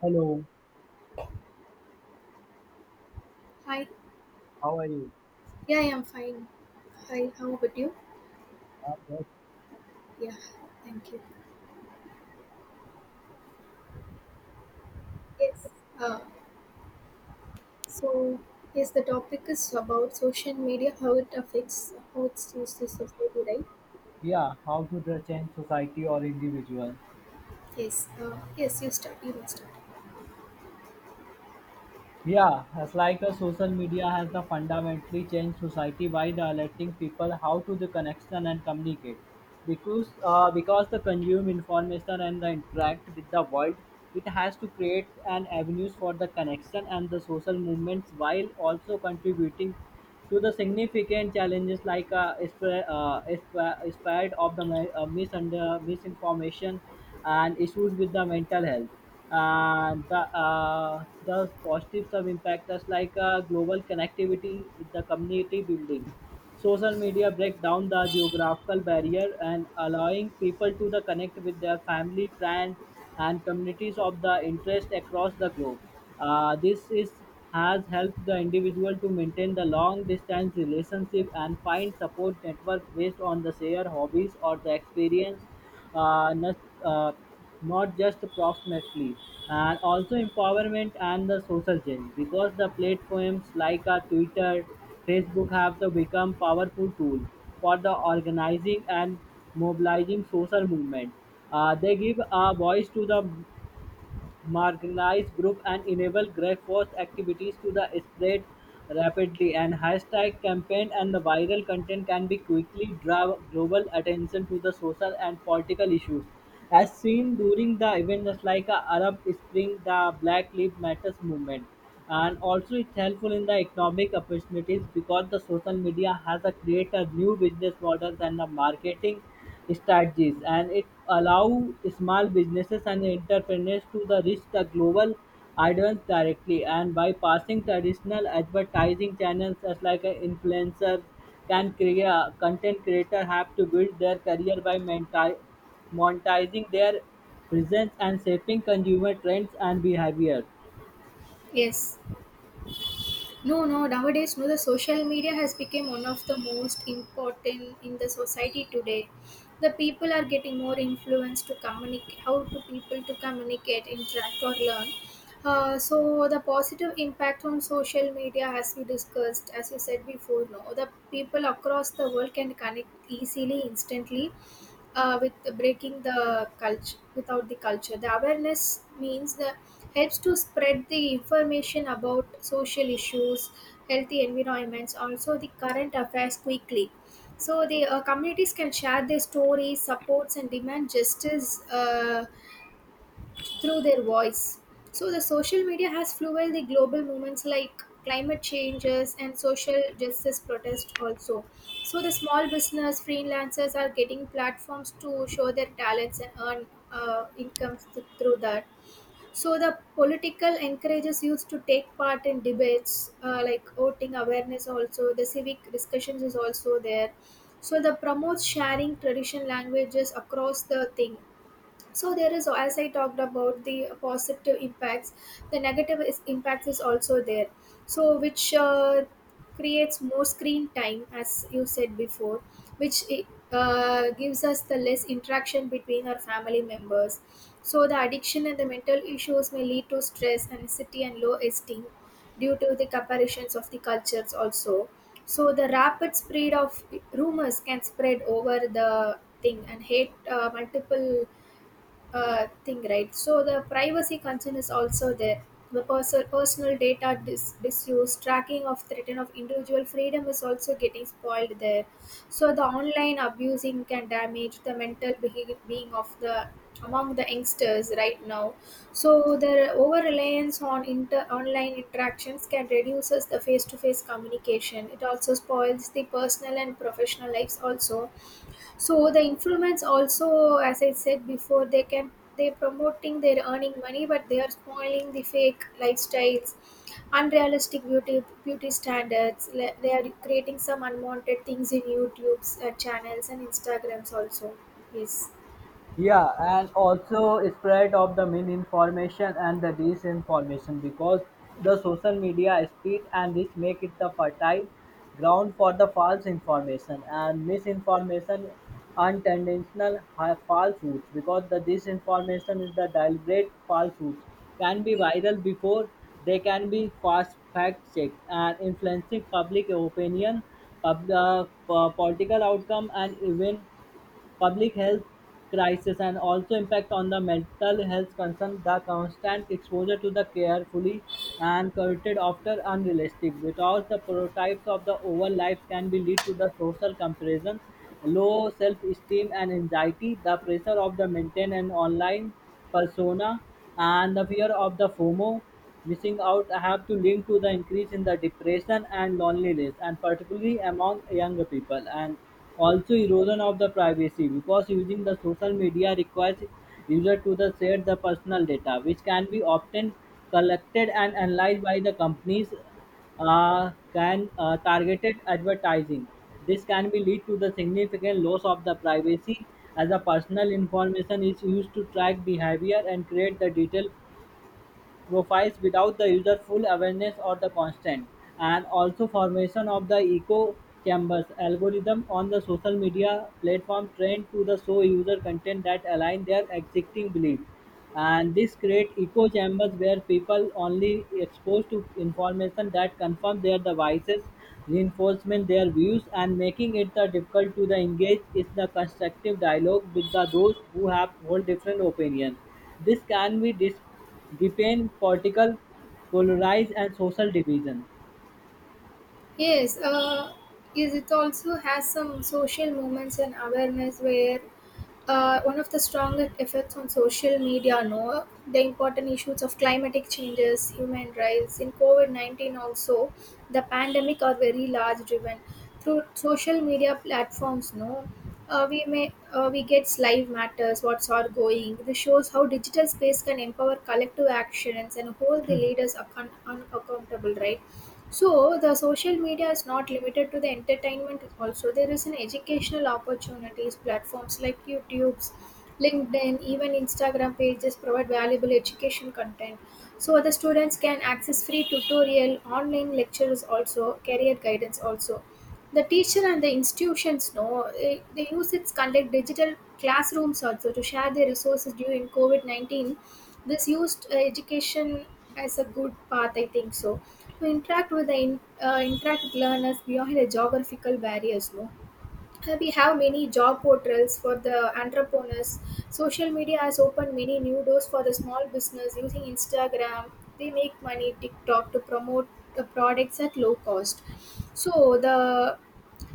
Hello, Hi. how are you? Yeah, I am fine. Hi, how about you? I'm good. Yeah, thank you. Yes. Uh, so, yes, the topic is about social media, how it affects how it's used in society, right? Yeah, how to change society or individual? Yes. Yes, you start. You must start. Yeah, as like a social media has the fundamentally changed society by directing people how to the connection and communicate. Because the consume information and the interact with the world, it has to create an avenues for the connection and the social movements, while also contributing to the significant challenges like spread of the misinformation, and issues with the mental health. And the positive sub impactors like global connectivity with the community building. Social media break down the geographical barrier and allowing people to the connect with their family, friends, and communities of the interest across the globe. This is has helped the individual to maintain the long distance relationship and find support network based on the shared hobbies or the experience, uh, not, uh, not just approximately, and also empowerment and the social change, because the platforms like Twitter, Facebook have to become powerful tool for the organizing and mobilizing social movement. They give a voice to the marginalized groups and enable grassroots activities to the spread rapidly, and hashtag campaign and the viral content can be quickly draw global attention to the social and political issues, as seen during the events like Arab Spring, the Black Lives Matters movement. And also it's helpful in the economic opportunities, because the social media has a create a new business models and the marketing strategies, and it allow small businesses and entrepreneurs to the reach the global audience directly and by passing traditional advertising channels, as like a influencers can create content creator have to build their career by monetizing their presence and shaping consumer trends and behavior. Yes. No, no. Nowadays, no, the social media has become one of the most important in the society today. The people are getting more influenced to communicate. How to people to communicate, interact, or learn. So the positive impact on social media, as we discussed, as you said before, no, the people across the world can connect easily, instantly, with the breaking the culture without the culture the awareness means the helps to spread the information about social issues, healthy environments, also the current affairs quickly. So the communities can share their stories, supports, and demand justice through their voice. So the social media has fueled the global movements like climate changes and social justice protests also. So the small business freelancers are getting platforms to show their talents and earn incomes through that. So the political encourages youth to take part in debates like voting awareness also. The civic discussions is also there. So the promotes sharing tradition languages across the thing. So there is, as I talked about the positive impacts, the negative is, impact is also there. So which creates more screen time, as you said before, which it, gives us the less interaction between our family members. So the addiction and the mental issues may lead to stress, anxiety, and low esteem due to the comparisons of the cultures also. So the rapid spread of rumors can spread over the thing, and hate multiple thing, right? So the privacy concern is also there. The personal data disuse, tracking of threaten of individual freedom is also getting spoiled there. So the online abusing can damage the mental being of the among the youngsters right now. So the over reliance on online interactions can reduces the face to face communication. It also spoils the personal and professional lives also. So the influence also, as I said before, they can, they promoting they're earning money, but they are spoiling the fake lifestyles, unrealistic beauty standards. They are creating some unwanted things in YouTube's channels and Instagrams also. Yes, Yeah, and also spread of the misinformation and the disinformation, because the social media speed and this make it the fertile ground for the false information and misinformation, unintentional falsehoods, because the disinformation is the deliberate falsehoods, can be viral before they can be fast fact checked and influencing public opinion, political outcome, and even public health crisis. And also impact on the mental health concern, the constant exposure to the carefully and curated after unrealistic without the prototypes of the over lives can be lead to the social comparison, low self-esteem, and anxiety. The pressure of the maintain an online persona and the fear of the fomo missing out have to link to the increase in the depression and loneliness, and particularly among younger people. And also erosion of the privacy, because using the social media requires user to the share the personal data, which can be often collected and analyzed by the companies, can targeted advertising. This can be lead to the significant loss of the privacy, as the personal information is used to track behavior and create the detailed profiles without the user full awareness or the constant. And also formation of the echo chambers, algorithm on the social media platform trained to the show user content that align their existing belief, and this create echo chambers where people only exposed to information that confirm their devices, reinforcement their views and making it the difficult to the engage is the constructive dialogue with the those who have whole different opinion. This can be, they paint political, polarize, and social division. yes. Is it also has some social movements and awareness where one of the strongest effects on social media, no, the important issues of climatic changes, human rights, in COVID 19 also, the pandemic are very large driven. Through social media platforms, no, we may we get live matters, what's are going. This shows how digital space can empower collective actions and hold the leaders accountable, right? So the social media is not limited to the entertainment. Also, there is an educational opportunities. Platforms like YouTube's, LinkedIn, even Instagram pages provide valuable education content. So the students can access free tutorial, online lectures, also career guidance. Also, the teacher and the institutions know they use it to conduct digital classrooms also to share their resources during COVID 19. This used education as a good path, I think so, to interact with the in, interact with learners beyond the geographical barriers, no, we have many job portals for the entrepreneurs. Social media has opened many new doors for the small business using Instagram. They make money, TikTok, to promote the products at low cost. So the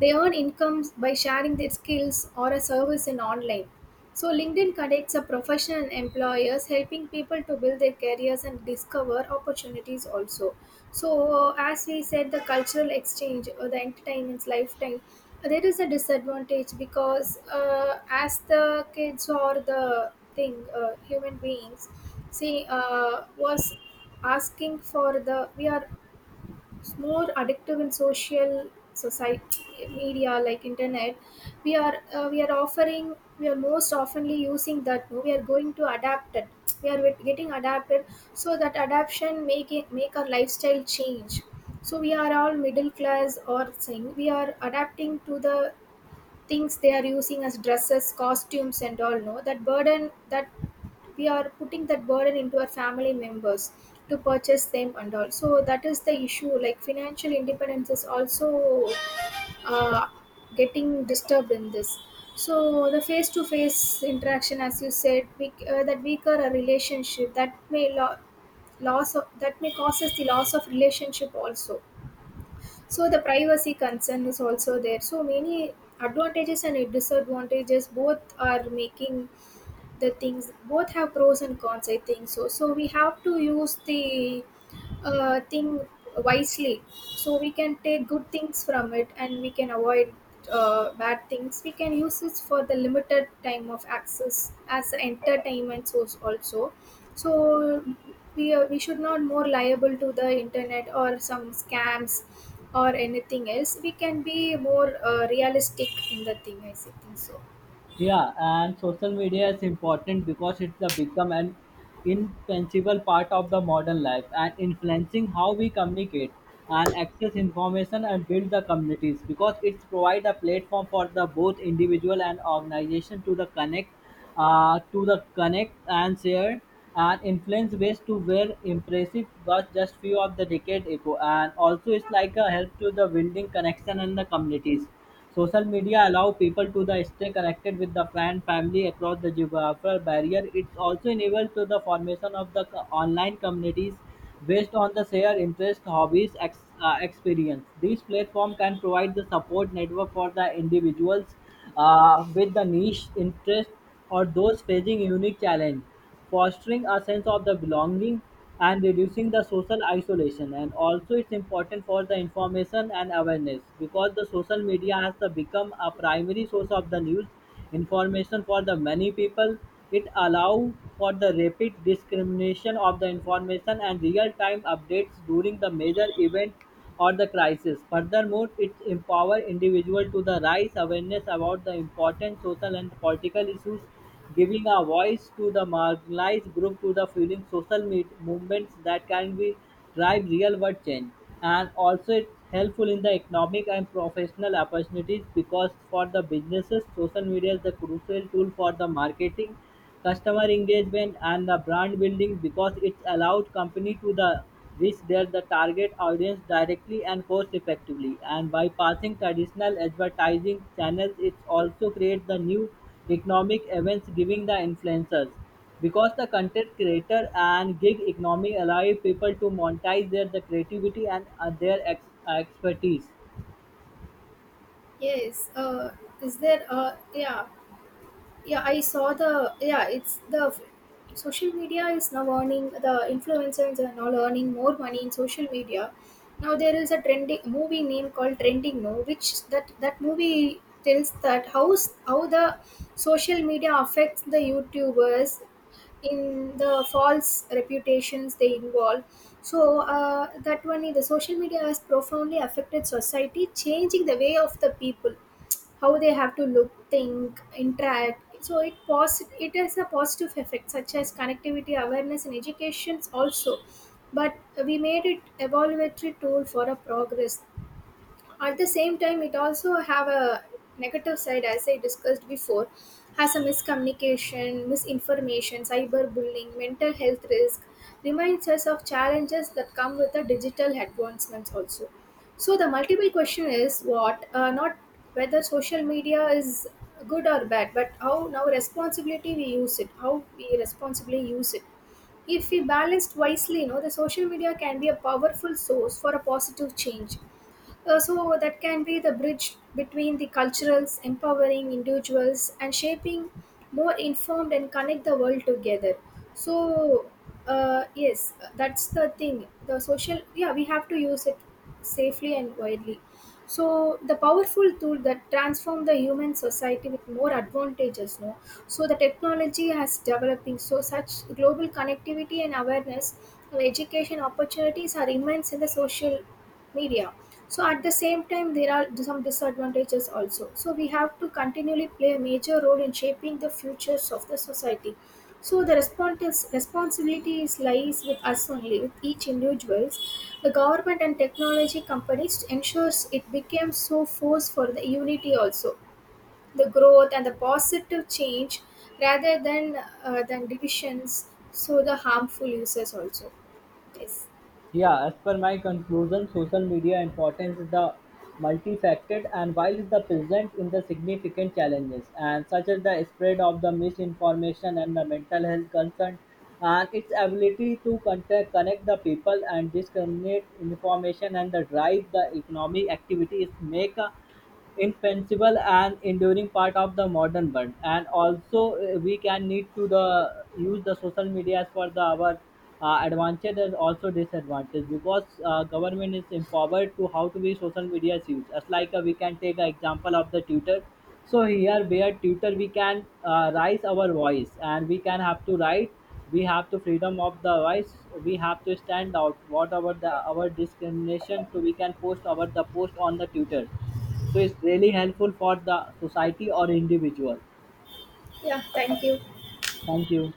they earn incomes by sharing their skills or a service in online. So LinkedIn connects a professional and employers, helping people to build their careers and discover opportunities also. So, as we said, the cultural exchange or the entertainment's lifetime, there is a disadvantage because as the kids or the thing, human beings, see, was asking for the we are, it's more addictive in social society media like internet. We are we are offering, we are most oftenly using that, no? We are going to adapt it. We are getting adapted. So that adaptation make it, make our lifestyle change. So we are all middle class or saying we are adapting to the things they are using as dresses, costumes, and all, no, that burden, that we are putting that burden into our family members to purchase them and all. So that is the issue, like financial independence is also uh, getting disturbed in this. So the face to face interaction, as you said, we, that weaker a relationship that may loss of, that may causes the loss of relationship also. So the privacy concern is also there. So many advantages and disadvantages, both are making the things. Both have pros and cons, I think so. So we have to use the thing wisely, so we can take good things from it and we can avoid bad things. We can use it for the limited time of access as an entertainment source also. So we, are, we should not more liable to the internet or some scams or anything else. We can be more realistic in the thing, I think so. Yeah, and social media is important because it's a become an indispensable part of the modern life, and influencing how we communicate and access information and build the communities, because it's provide a platform for the both individual and organization to the connect, to the connect and share, and influence ways to where impressive was just few of the decade ago. And also it's like a help to the building connection and the communities. Social media allow people to the stay connected with the friend family across the geographical barrier. It's also enabled to the formation of the online communities based on the shared interest, hobbies, experience. These platform can provide the support network for the individuals with the niche interest, or those facing unique challenge, fostering a sense of the belonging and reducing the social isolation. And also, it's important for the information and awareness, because the social media has the become a primary source of the news information for the many people. It allow for the rapid discrimination of the information and real-time updates during the major events or the crisis. Furthermore, it empowers individuals to the rise awareness about the important social and political issues, giving a voice to the marginalized group, to the fueling social movements that can be drive real world change. And also, it's helpful in the economic and professional opportunities, because for the businesses, social media is the crucial tool for the marketing, customer engagement, and the brand building, because it's allowed company to the reach their the target audience directly and cost effectively and by passing traditional advertising channels. It also creates the new economic events, giving the influencers, because the content creator and gig economy allow people to monetize their the creativity and their expertise. Yes. Is there? Yeah, yeah. I saw the. Yeah, it's the social media is now earning, the influencers are now earning more money in social media. Now there is a trending movie name called Trending No, which that movie tells that how how the social media affects the YouTubers in the false reputations they involve. So that one, is the social media has profoundly affected society, changing the way of the people how they have to look, think, interact. So it it has a positive effect such as connectivity, awareness, and educations also, but we made it evaluatory tool for a progress. At the same time, it also have a negative side, as I discussed before. Has a miscommunication, misinformation, cyberbullying, mental health risk reminds us of challenges that come with the digital advancements also. So the multiple question is what, not whether social media is good or bad, but how now responsibility we use it, how we responsibly use it. If we balanced wisely, you know, the social media can be a powerful source for a positive change. So that can be the bridge between the cultures, empowering individuals, and shaping more informed and connect the world together. So yes, that's the thing. The social, yeah, we have to use it safely and widely. So the powerful tool that transform the human society with more advantages, no. So the technology has developing, so such global connectivity and awareness and education opportunities are immense in the social media. So at the same time there are some disadvantages also. So we have to continually play a major role in shaping the futures of the society. So the responsibilities lies with us only, with each individuals. The government and technology companies ensures it becomes so force for the unity also, the growth and the positive change rather than than divisions. So the harmful uses also. Yes. Yeah, as per my conclusion, social media importance is the multifaceted, and while is the present in the significant challenges and such as the spread of the misinformation and the mental health concern, and its ability to contact, connect the people and discriminate information and the drive the economic activities make a indispensable and enduring part of the modern world. And also, we can need to the use the social medias for the our advantage and also disadvantage, because government is empowered to how to be social media is used, as like we can take an example of the tutor. So here where tutor we can raise our voice, and we can have to write, we have to freedom of the voice, we have to stand out whatever the our discrimination. So we can post our the post on the tutor, so it's really helpful for the society or individual. Yeah. Thank you. Thank you.